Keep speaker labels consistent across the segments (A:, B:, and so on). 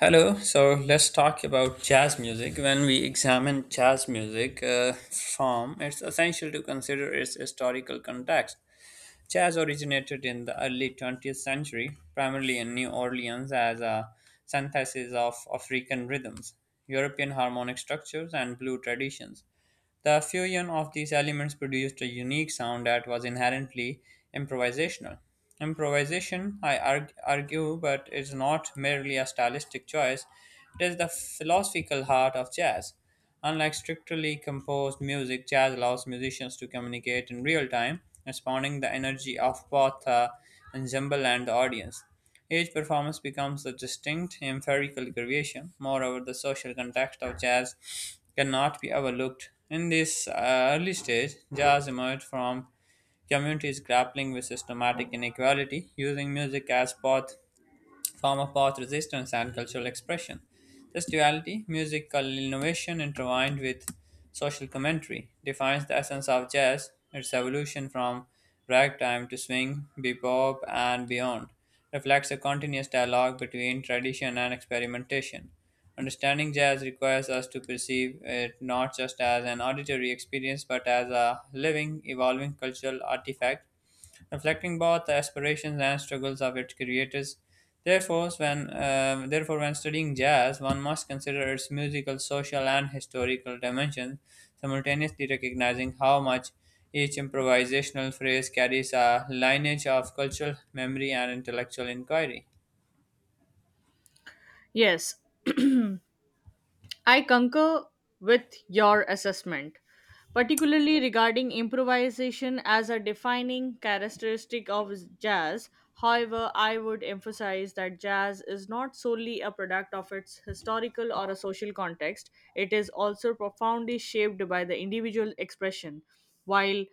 A: Hello, so let's talk about jazz music. When we examine jazz music form, it's essential to consider its historical context. Jazz originated in the early 20th century, primarily in New Orleans, as a synthesis of African rhythms, European harmonic structures, and blue traditions. The fusion of these elements produced a unique sound that was inherently improvisational. Improvisation, I argue, but is not merely a stylistic choice, it is the philosophical heart of jazz. Unlike strictly composed music, jazz allows musicians to communicate in real time, responding the energy of both the ensemble and the audience. Each performance becomes a distinct empirical creation. Moreover, the social context of jazz cannot be overlooked. In this early stage, jazz emerged from communities grappling with systematic inequality, using music as both form of both resistance and cultural expression. This duality, musical innovation intertwined with social commentary, defines the essence of jazz, its evolution from ragtime to swing, bebop, and beyond. Reflects a continuous dialogue between tradition and experimentation. Understanding jazz requires us to perceive it not just as an auditory experience but as a living, evolving cultural artifact reflecting both the aspirations and struggles of its creators. Therefore, when therefore, when studying jazz, one must consider its musical, social, and historical dimensions, simultaneously recognizing how much each improvisational phrase carries a lineage of cultural memory and intellectual inquiry.
B: Yes, I concur with your assessment, particularly regarding improvisation as a defining characteristic of jazz. However, I would emphasize that jazz is not solely a product of its historical or a social context. It is also profoundly shaped by the individual expression. While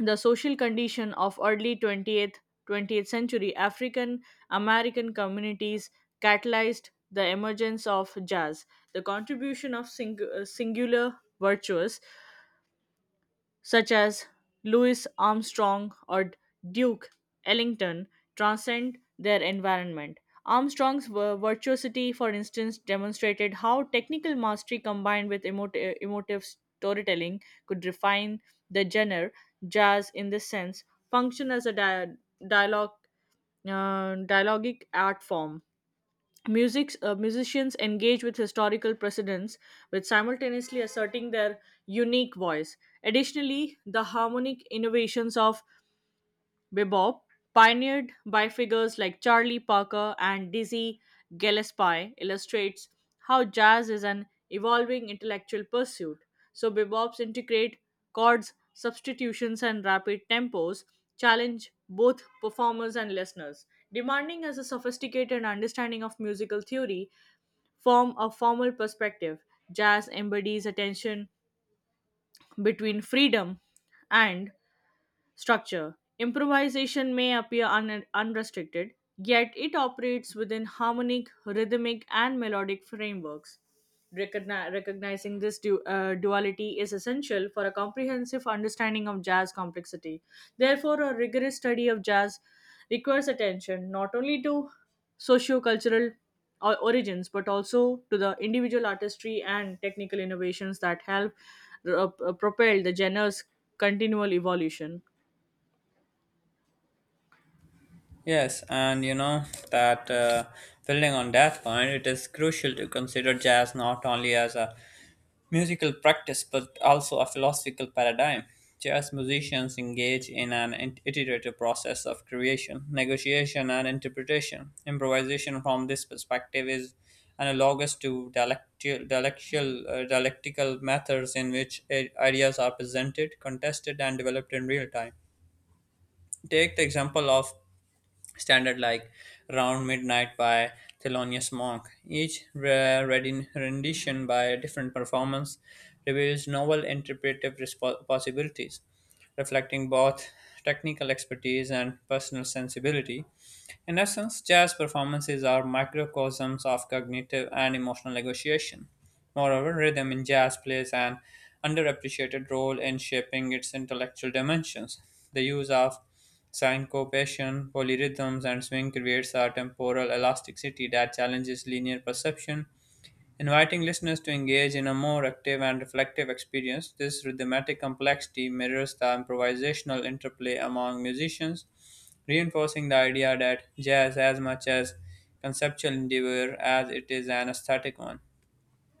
B: the social condition of early 20th century African American communities catalyzed the emergence of jazz, the contribution of singular virtues such as Louis Armstrong or Duke Ellington transcend their environment. Virtuosity, for instance, demonstrated how technical mastery combined with emotive storytelling could refine the genre. Jazz, in this sense, function as a dialogue, dialogic art form. Musicians engage with historical precedents with simultaneously asserting their unique voice. Additionally, the harmonic innovations of bebop, pioneered by figures like Charlie Parker and Dizzy Gillespie, illustrates how jazz is an evolving intellectual pursuit. So, bebops integrate chords, substitutions, and rapid tempos, challenge both performers and listeners, demanding as a sophisticated understanding of musical theory. From a formal perspective, jazz embodies a tension between freedom and structure. Improvisation may appear unrestricted, yet it operates within harmonic, rhythmic, and melodic frameworks. Recognizing this duality is essential for a comprehensive understanding of jazz complexity. Therefore, a rigorous study of jazz requires attention not only to socio-cultural origins but also to the individual artistry and technical innovations that help uh, propel the genre's continual evolution.
A: Yes, and you know that, building on that point, it is crucial to consider jazz not only as a musical practice but also a philosophical paradigm. Jazz musicians engage in an iterative process of creation, negotiation, and interpretation. Improvisation from this perspective is analogous to dialectical methods in which ideas are presented, contested, and developed in real time. Take the example of standard like Round Midnight by Thelonious Monk. Each rendition by a different performance reveals novel interpretive possibilities, reflecting both technical expertise and personal sensibility. In essence, jazz performances are microcosms of cognitive and emotional negotiation. Moreover, rhythm in jazz plays an underappreciated role in shaping its intellectual dimensions. The use of syncopation, polyrhythms, and swing creates a temporal elasticity that challenges linear perception, inviting listeners to engage in a more active and reflective experience. This rhythmic complexity mirrors the improvisational interplay among musicians, reinforcing the idea that jazz, as much as conceptual endeavor as it is an aesthetic one.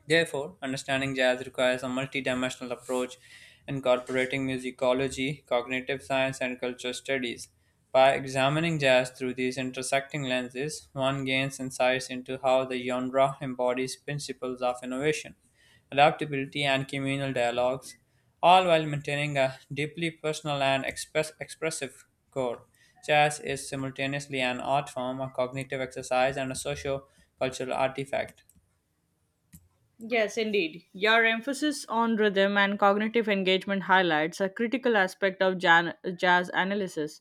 A: Therefore, understanding jazz requires a multidimensional approach incorporating musicology, cognitive science, and culture studies. By examining jazz through these intersecting lenses, one gains insights into how the genre embodies principles of innovation, adaptability, and communal dialogues, all while maintaining a deeply personal and expressive core. Jazz is simultaneously an art form, a cognitive exercise, and a socio cultural artifact.
B: Yes, indeed. Your emphasis on rhythm and cognitive engagement highlights a critical aspect of jazz analysis.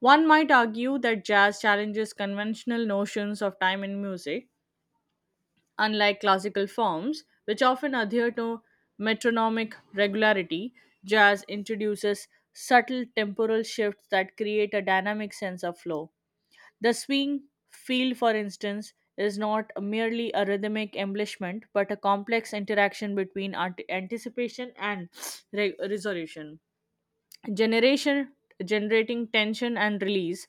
B: One might argue that jazz challenges conventional notions of time in music, unlike classical forms, which often adhere to metronomic regularity. Jazz introduces subtle temporal shifts that create a dynamic sense of flow. The swing field, for instance, is not merely a rhythmic embellishment but a complex interaction between anticipation and resolution. Generation Generating tension and release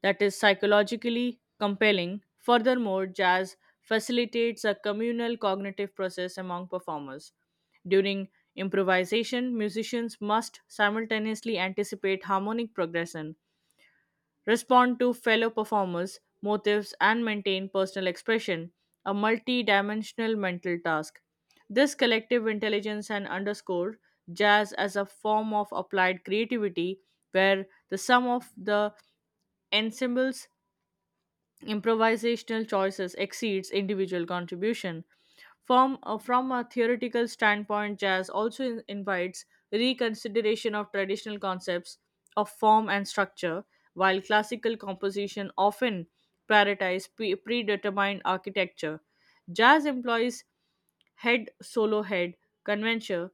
B: that is psychologically compelling. Furthermore, jazz facilitates a communal cognitive process among performers. During improvisation, musicians must simultaneously anticipate harmonic progression, respond to fellow performers' motives, and maintain personal expression, a multi dimensional mental task. This collective intelligence and underscore jazz as a form of applied creativity where the sum of the ensembles improvisational choices exceeds individual contribution. From a theoretical standpoint, jazz also invites reconsideration of traditional concepts of form and structure, while classical composition often prioritize predetermined architecture. Jazz employs head solo head convention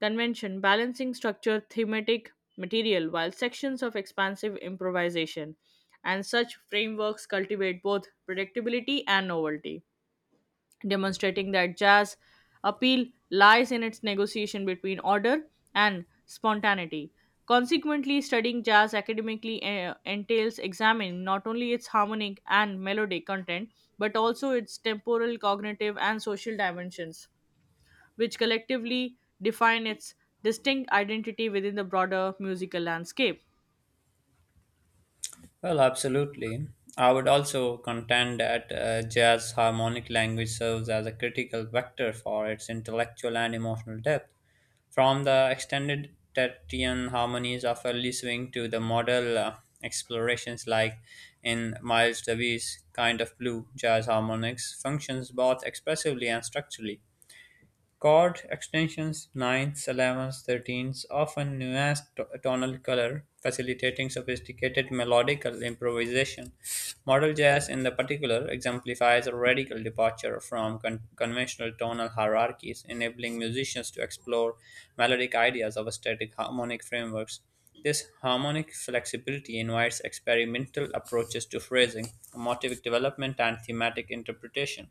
B: convention balancing structure thematic material while sections of expansive improvisation, and such frameworks cultivate both predictability and novelty, demonstrating that jazz appeal lies in its negotiation between order and spontaneity. Consequently, studying jazz academically entails examining not only its harmonic and melodic content, but also its temporal, cognitive, and social dimensions which collectively define its distinct identity within the broader musical landscape.
A: Well, absolutely. I would also contend that jazz harmonic language serves as a critical vector for its intellectual and emotional depth. From the extended tertian harmonies of early swing to the modal explorations like in Miles Davis' Kind of Blue, jazz harmonics functions both expressively and structurally. Chord extensions, ninths, elevenths, thirteenths often nuance tonal color, facilitating sophisticated melodical improvisation. Modal jazz, in the particular, exemplifies a radical departure from conventional tonal hierarchies, enabling musicians to explore melodic ideas of static harmonic frameworks. This harmonic flexibility invites experimental approaches to phrasing, motive development, and thematic interpretation.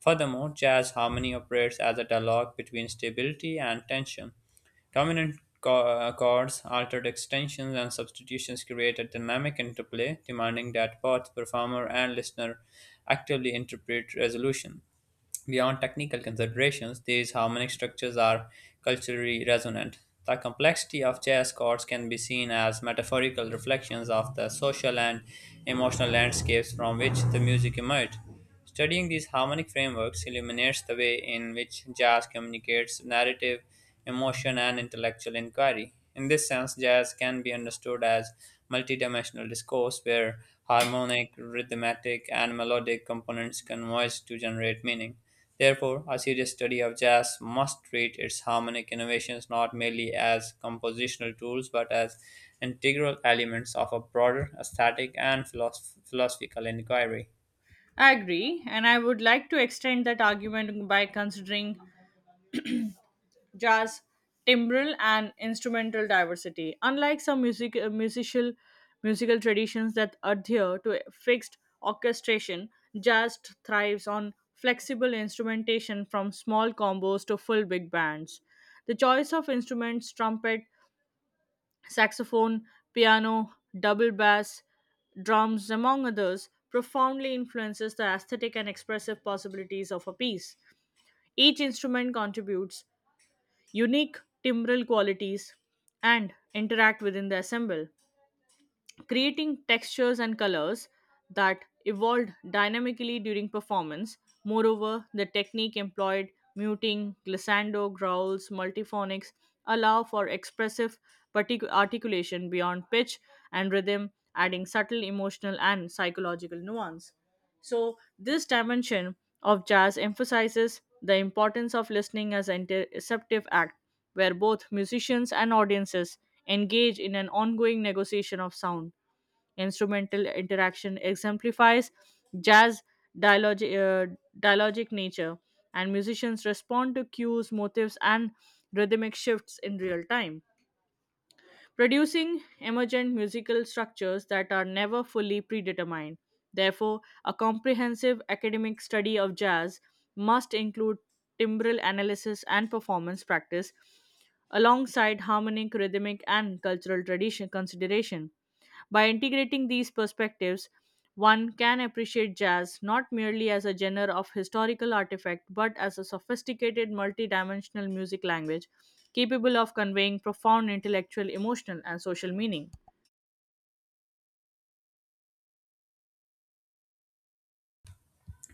A: Furthermore, jazz harmony operates as a dialogue between stability and tension. Dominant chords, altered extensions, and substitutions create a dynamic interplay, demanding that both performer and listener actively interpret resolution. Beyond technical considerations, these harmonic structures are culturally resonant. The complexity of jazz chords can be seen as metaphorical reflections of the social and emotional landscapes from which the music emerged. Studying these harmonic frameworks illuminates the way in which jazz communicates narrative, emotion, and intellectual inquiry. In this sense, jazz can be understood as multidimensional discourse where harmonic, rhythmic, and melodic components converge to generate meaning. Therefore, a serious study of jazz must treat its harmonic innovations not merely as compositional tools but as integral elements of a broader aesthetic and philosophical inquiry.
B: I agree, and I would like to extend that argument by considering jazz timbral and instrumental diversity. Unlike some musical traditions that adhere to a fixed orchestration, jazz thrives on flexible instrumentation from small combos to full big bands. The choice of instruments, trumpet, saxophone, piano, double bass, drums, among others, profoundly influences the aesthetic and expressive possibilities of a piece. Each instrument contributes unique timbral qualities and interact within the ensemble, creating textures and colors that evolved dynamically during performance. Moreover, the technique employed, muting, glissando, growls, multiphonics, allow for expressive articulation beyond pitch and rhythm, adding subtle emotional and psychological nuance. So, this dimension of jazz emphasizes the importance of listening as an interceptive act where both musicians and audiences engage in an ongoing negotiation of sound. Instrumental interaction exemplifies jazz dialogic nature, and musicians respond to cues, motifs, and rhythmic shifts in real time, producing emergent musical structures that are never fully predetermined. Therefore, a comprehensive academic study of jazz must include timbral analysis and performance practice alongside harmonic, rhythmic, and cultural tradition consideration. By integrating these perspectives, one can appreciate jazz not merely as a genre of historical artifact but as a sophisticated multidimensional music language capable of conveying profound intellectual, emotional, and social meaning.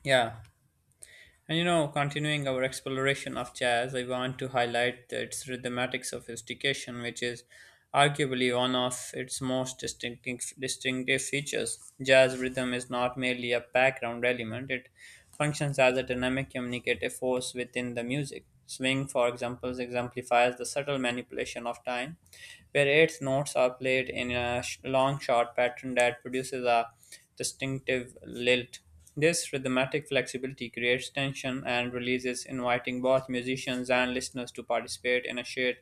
A: Yeah, and you know, continuing our exploration of jazz, I want to highlight that its rhythmic sophistication, which is arguably one of its most distinctive features. Jazz rhythm is not merely a background element, it functions as a dynamic communicative force within the music. Swing, for example, exemplifies the subtle manipulation of time, where eighth notes are played in a long short pattern that produces a distinctive lilt. This rhythmic flexibility creates tension and releases, inviting both musicians and listeners to participate in a shared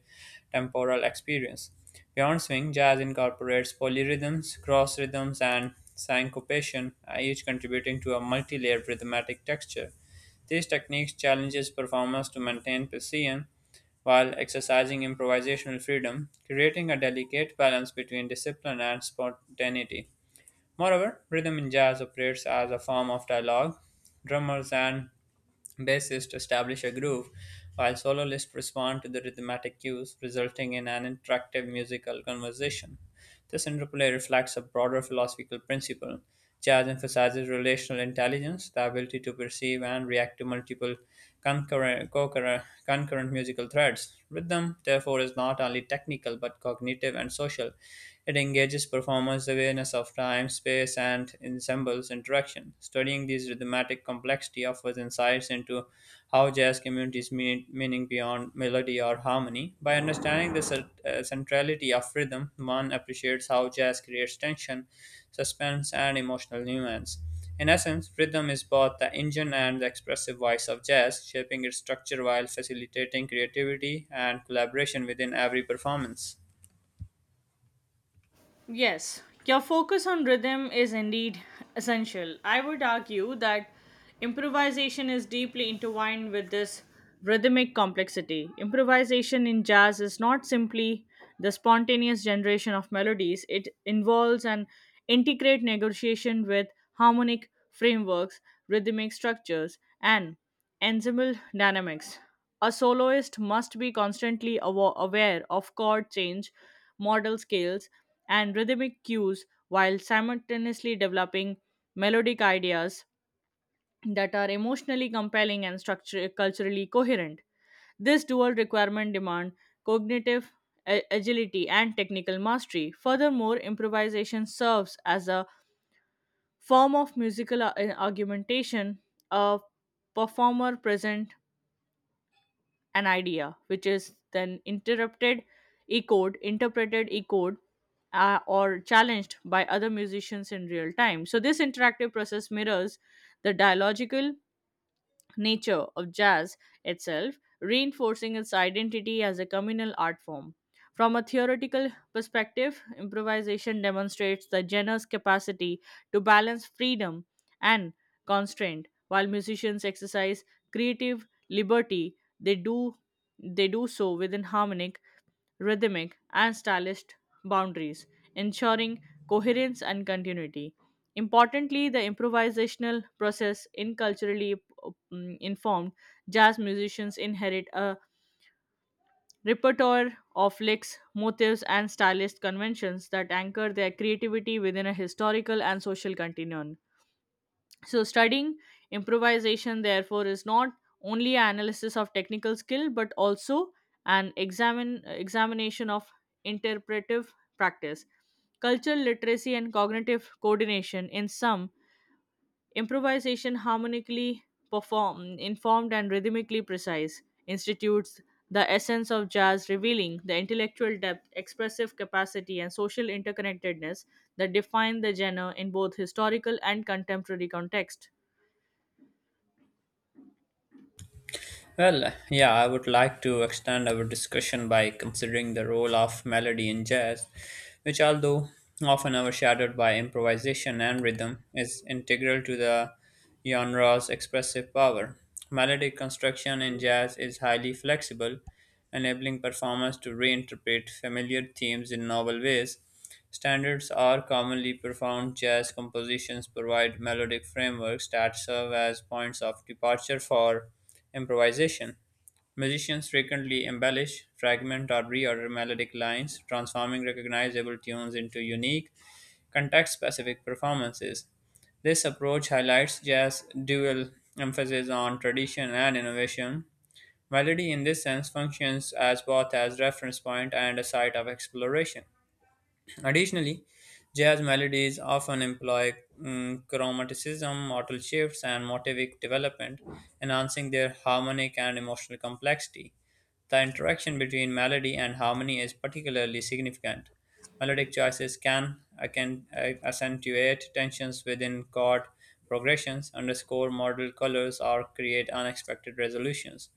A: temporal experience. Beyond swing, jazz incorporates polyrhythms, cross rhythms, and syncopation, each contributing to a multi-layered rhythmic texture. These techniques challenges performers to maintain precision while exercising improvisational freedom, creating a delicate balance between discipline and spontaneity. Moreover, rhythm in jazz operates as a form of dialogue. Drummers and bassists establish a groove, while soloists respond to the rhythmic cues, resulting in an interactive musical conversation. This interplay reflects a broader philosophical principle. Jazz emphasizes relational intelligence, the ability to perceive and react to multiple concurrent musical threads. Rhythm, therefore, is not only technical but cognitive and social. It engages performers' awareness of time, space, and ensembles interaction. Studying this rhythmic complexity offers insights into how jazz communities meaning beyond melody or harmony. By understanding the centrality of rhythm, one appreciates how jazz creates tension, suspense, and emotional nuance. In essence, rhythm is both the engine and the expressive voice of jazz, shaping its structure while facilitating creativity and collaboration within every performance.
B: Yes, your focus on rhythm is indeed essential. I would argue that improvisation is deeply intertwined with this rhythmic complexity. Improvisation in jazz is not simply the spontaneous generation of melodies. It involves an intricate negotiation with harmonic frameworks, rhythmic structures, and ensemble dynamics. A soloist must be constantly aware of chord change, modal scales, and rhythmic cues while simultaneously developing melodic ideas that are emotionally compelling and culturally coherent. This dual requirement demand cognitive agility and technical mastery. Furthermore, improvisation serves as a form of musical argumentation. A performer present an idea, which is then interrupted, echoed, interpreted, or challenged by other musicians in real time. So, this interactive process mirrors the dialogical nature of jazz itself, reinforcing its identity as a communal art form. From a theoretical perspective, improvisation demonstrates the genre's capacity to balance freedom and constraint. While musicians exercise creative liberty, they do so within harmonic rhythmic, and stylist boundaries, ensuring coherence and continuity. Importantly, the improvisational process in culturally informed jazz musicians inherit a repertoire of licks, motifs, and stylist conventions that anchor their creativity within a historical and social continuum. So, studying improvisation, therefore, is not only an analysis of technical skill but also an examination of interpretive practice. Cultural literacy and cognitive coordination, in sum, improvisation harmonically performed, informed, and rhythmically precise, institutes the essence of jazz, revealing the intellectual depth, expressive capacity, and social interconnectedness that define the genre in both historical and contemporary context.
A: Well, yeah, I would like to extend our discussion by considering the role of melody in jazz, which, although often overshadowed by improvisation and rhythm, is integral to the genre's expressive power. Melodic construction in jazz is highly flexible, enabling performers to reinterpret familiar themes in novel ways. Standards are commonly profound. Jazz compositions provide melodic frameworks that serve as points of departure for improvisation. Musicians frequently embellish, fragment, or reorder melodic lines, transforming recognizable tunes into unique, context specific performances. This approach highlights jazz's dual emphasis on tradition and innovation. Melody, in this sense, functions as both as reference point and a site of exploration. Additionally, jazz melodies often employ chromaticism, modal shifts, and motivic development, enhancing their harmonic and emotional complexity. The interaction between melody and harmony is particularly significant, melodic choices can accentuate tensions within chord progressions, underscore modal colors, or create unexpected resolutions.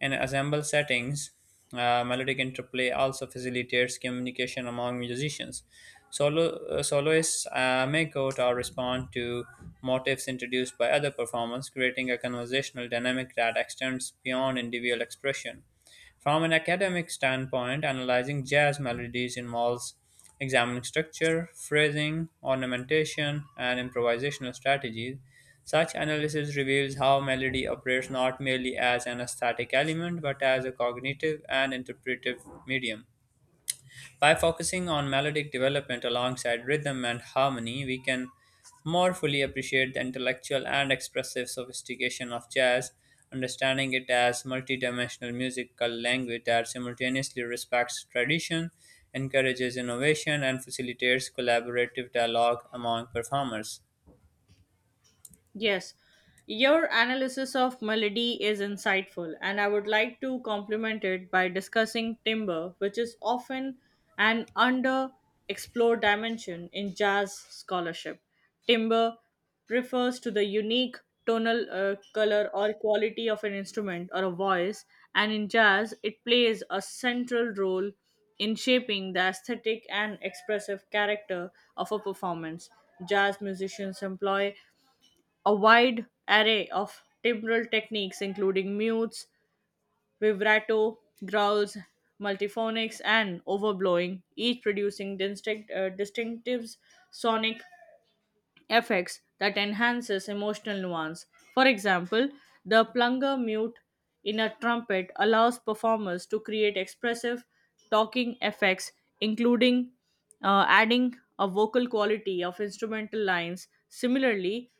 A: In ensemble settings, melodic interplay also facilitates communication among musicians. Soloists may quote or respond to motifs introduced by other performers, creating a conversational dynamic that extends beyond individual expression. From an academic standpoint, analyzing jazz melodies involves examining structure, phrasing, ornamentation, and improvisational strategies. Such analysis reveals how melody operates not merely as an aesthetic element but as a cognitive and interpretive medium. By focusing on melodic development alongside rhythm and harmony, we can more fully appreciate the intellectual and expressive sophistication of jazz, understanding it as multidimensional musical language that simultaneously respects tradition, encourages innovation, and facilitates collaborative dialogue among performers.
B: Yes, your analysis of melody is insightful, and I would like to complement it by discussing timbre, which is often an underexplored dimension in jazz scholarship. Timbre refers to the unique tonal color or quality of an instrument or a voice, and in jazz, it plays a central role in shaping the aesthetic and expressive character of a performance. Jazz musicians employ a wide array of timbral techniques, including mutes, vibrato, growls, multiphonics, and overblowing, each producing distinctive sonic effects that enhances emotional nuance. For example, the plunger mute in a trumpet allows performers to create expressive talking effects, including adding a vocal quality of instrumental lines. Similarly,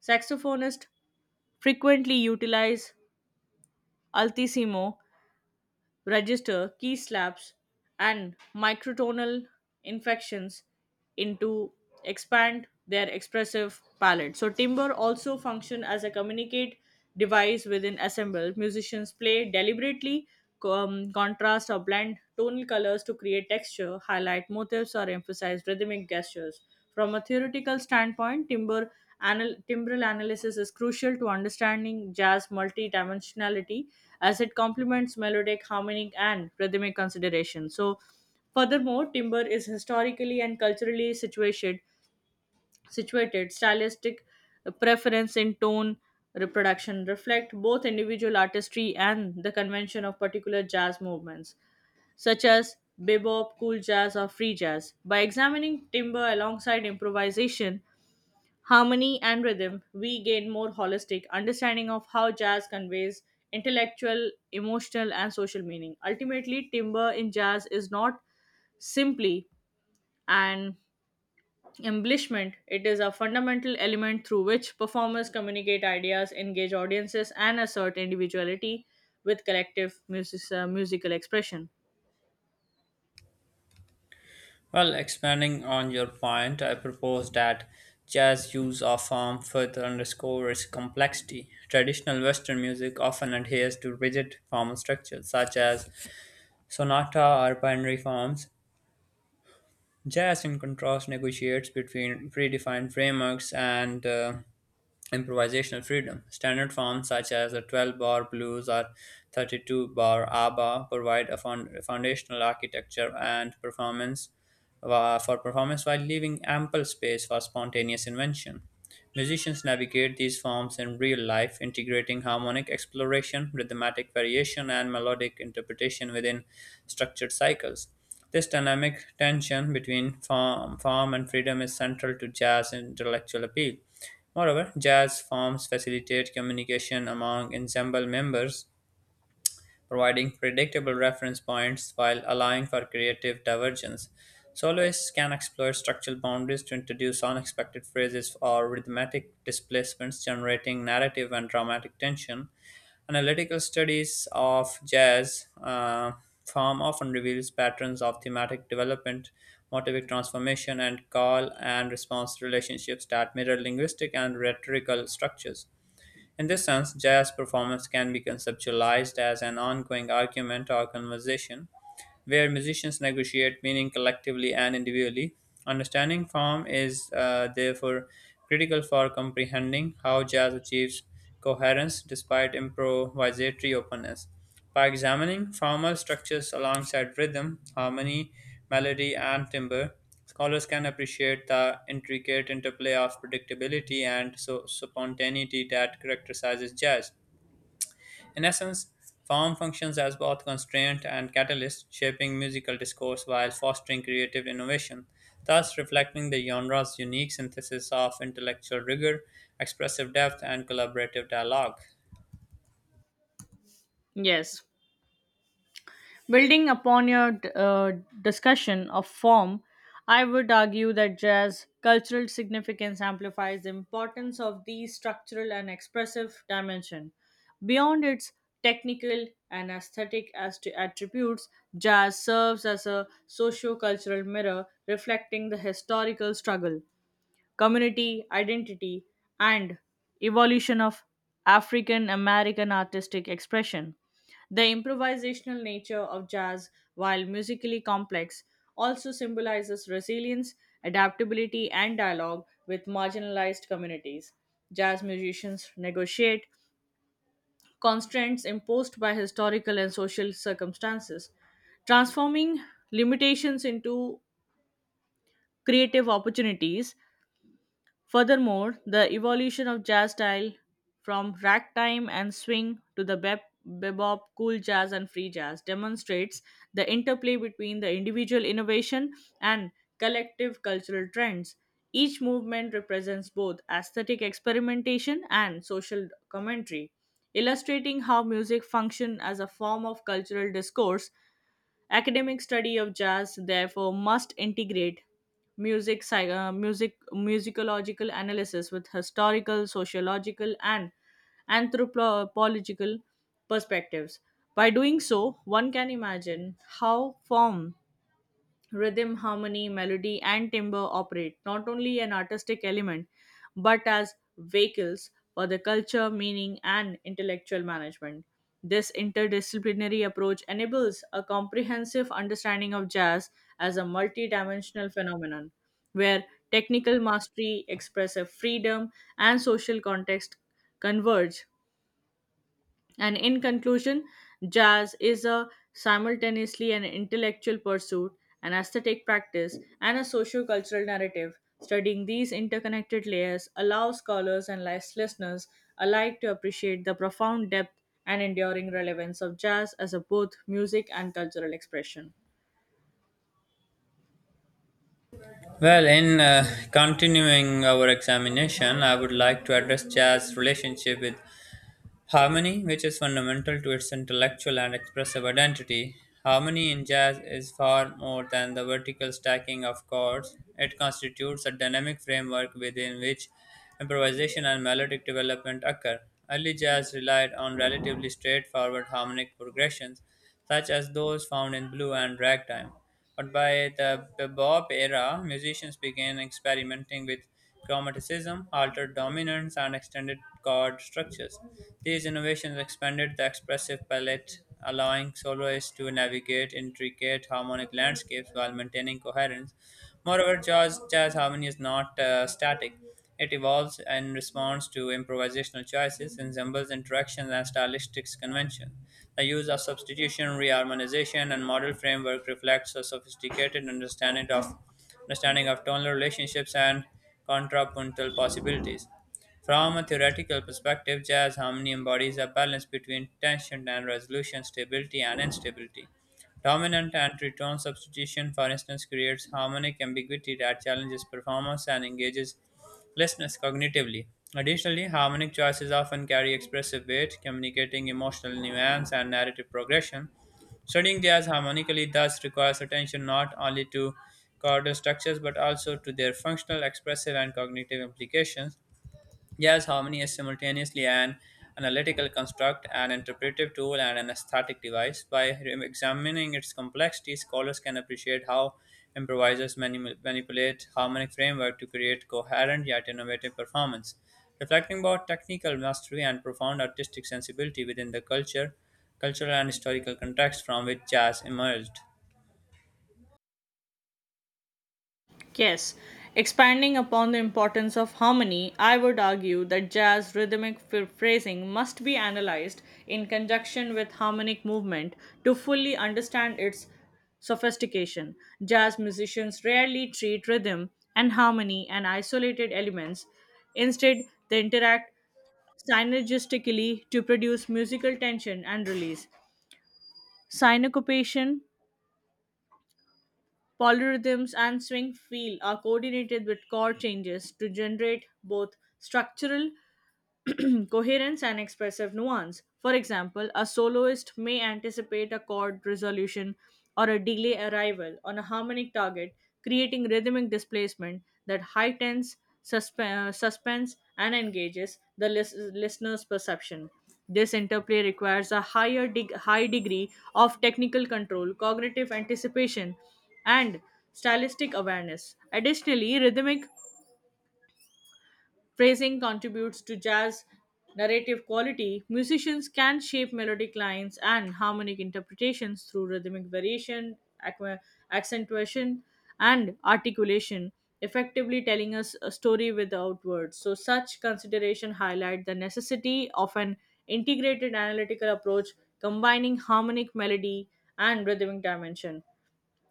B: saxophonist frequently utilize altissimo register key slaps and microtonal inflections into expand their expressive palette. So timbre also function as a communicate device within ensemble. Musicians play deliberately contrast or blend tonal colors to create texture, highlight motifs, or emphasize rhythmic gestures. From a theoretical standpoint, timbral analysis is crucial to understanding jazz multidimensionality as it complements melodic, harmonic, and rhythmic considerations. Furthermore, timber is historically and culturally situated, situated stylistic preference in tone reproduction reflect both individual artistry and the convention of particular jazz movements, such as bebop, cool jazz, or free jazz. By examining timber alongside improvisation, harmony, and rhythm, we gain more holistic understanding of how jazz conveys intellectual, emotional, and social meaning. Ultimately, timber in jazz is not simply and embellishment. It is a fundamental element through which performers communicate ideas, engage audiences, and assert individuality with collective musical expression.
A: Well, expanding on your point, I propose that jazz use of form further underscores complexity. Traditional Western music often adheres to rigid formal structures such as sonata or binary forms. Jazz, in contrast, negotiates between predefined frameworks and improvisational freedom. Standard forms such as the 12 bar blues or 32 bar ABBA provide a foundational architecture and for performance while leaving ample space for spontaneous invention. Musicians navigate these forms in real life, integrating harmonic exploration, rhythmatic variation, and melodic interpretation within structured cycles. This dynamic tension between form and freedom is central to jazz intellectual appeal. Moreover, jazz forms facilitate communication among ensemble members, providing predictable reference points while allowing for creative divergence. Soloists can explore structural boundaries to introduce unexpected phrases or rhythmic displacements, generating narrative and dramatic tension. Analytical studies of jazz form often reveals patterns of thematic development, motivic transformation, and call and response relationships that mirror linguistic and rhetorical structures. In this sense, jazz performance can be conceptualized as an ongoing argument or conversation where musicians negotiate meaning collectively and individually. Understanding form is therefore critical for comprehending how jazz achieves coherence despite improvisatory openness. By examining formal structures alongside rhythm, harmony, melody, and timbre, scholars can appreciate the intricate interplay of predictability and so spontaneity that characterizes jazz. In essence, form functions as both constraint and catalyst, shaping musical discourse while fostering creative innovation, thus reflecting the genre's unique synthesis of intellectual rigor, expressive depth, and collaborative dialogue.
B: Yes. Building upon your discussion of form, I would argue that jazz cultural significance amplifies the importance of the structural and expressive dimension. Beyond its technical and aesthetic as to attributes, jazz serves as a socio-cultural mirror reflecting the historical struggle, community identity, and evolution of African American artistic expression. The improvisational nature of jazz, while musically complex, also symbolizes resilience, adaptability, and dialogue with marginalized communities. Jazz musicians negotiate constraints imposed by historical and social circumstances, transforming limitations into creative opportunities. Furthermore, the evolution of jazz style from ragtime and swing to the bebop, cool jazz, and free jazz demonstrates the interplay between the individual innovation and collective cultural trends. Each movement represents both aesthetic experimentation and social commentary, illustrating how music functions as a form of cultural discourse. Academic study of jazz, therefore, must integrate musicological analysis with historical, sociological, and anthropological perspectives. By doing so, one can imagine how form, rhythm, harmony, melody, and timbre operate not only an artistic element but as vehicles for the culture, meaning, and intellectual management. This interdisciplinary approach enables a comprehensive understanding of jazz as a multidimensional phenomenon where technical mastery, expressive freedom, and social context converge. And in conclusion, jazz is a simultaneously an intellectual pursuit, an aesthetic practice, and a socio-cultural narrative. Studying these interconnected layers allows scholars and listeners alike to appreciate the profound depth and enduring relevance of jazz as a both music and cultural expression.
A: Well, in continuing our examination, I would like to address jazz's relationship with harmony, which is fundamental to its intellectual and expressive identity. Harmony in jazz is far more than the vertical stacking of chords. It constitutes a dynamic framework within which improvisation and melodic development occur. Early jazz relied on relatively straightforward harmonic progressions, such as those found in blues and ragtime. But by the bebop era, musicians began experimenting with chromaticism, altered dominance, and extended chord structures. These innovations expanded the expressive palette, allowing soloists to navigate intricate harmonic landscapes while maintaining coherence. Moreover, jazz harmony is not static. It evolves in response to improvisational choices, ensembles, interactions, and stylistic convention. The use of substitution, reharmonization, and model framework reflects a sophisticated understanding of tonal relationships and contrapuntal possibilities. From a theoretical perspective, jazz harmony embodies a balance between tension and resolution, stability and instability. Dominant and tritone substitution, for instance, creates harmonic ambiguity that challenges performance and engages Lessness cognitively. Additionally, harmonic choices often carry expressive weight, communicating emotional nuance and narrative progression. Studying jazz harmonically thus requires attention not only to chordal structures but also to their functional, expressive, and cognitive implications. Yes, harmony is simultaneously an analytical construct, an interpretive tool, and an aesthetic device. By examining its complexity, scholars can appreciate how improvisers manipulate harmonic framework to create coherent yet innovative performance. Reflecting about technical mastery and profound artistic sensibility within the cultural and historical context from which jazz emerged.
B: Yes, expanding upon the importance of harmony, I would argue that jazz rhythmic phrasing must be analyzed in conjunction with harmonic movement to fully understand its sophistication. Jazz musicians rarely treat rhythm and harmony and isolated elements. Instead, they interact synergistically to produce musical tension and release. Syncopation, polyrhythms, and swing feel are coordinated with chord changes to generate both structural coherence and expressive nuance. For example, a soloist may anticipate a chord resolution or a delay arrival on a harmonic target, creating rhythmic displacement that heightens suspe- suspense and engages the listener's perception. This interplay requires a high degree of technical control, cognitive anticipation, and stylistic awareness. Additionally, rhythmic phrasing contributes to jazz narrative quality. Musicians can shape melodic lines and harmonic interpretations through rhythmic variation, accentuation, and articulation, effectively telling us a story without words. So, such consideration highlight the necessity of an integrated analytical approach combining harmonic melody and rhythmic dimension.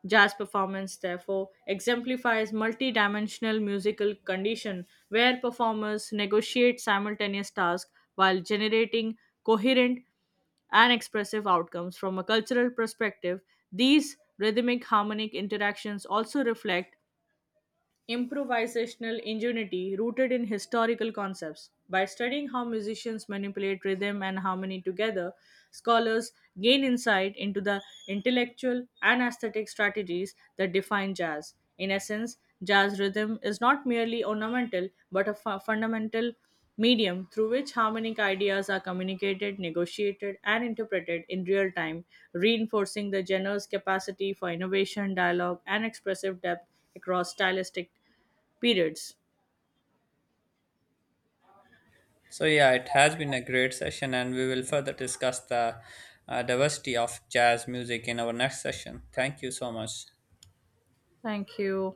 B: Jazz performance, therefore, exemplifies multidimensional musical condition where performers negotiate simultaneous tasks while generating coherent and expressive outcomes. From a cultural perspective, these rhythmic harmonic interactions also reflect improvisational ingenuity rooted in historical concepts. By studying how musicians manipulate rhythm and harmony together, scholars gain insight into the intellectual and aesthetic strategies that define jazz. In essence, jazz rhythm is not merely ornamental but a fundamental medium through which harmonic ideas are communicated, negotiated, and interpreted in real time, reinforcing the genre's capacity for innovation, dialogue, and expressive depth across stylistic periods.
A: So yeah, it has been a great session, and we will further discuss the diversity of jazz music in our next session. Thank you so much.
B: Thank you.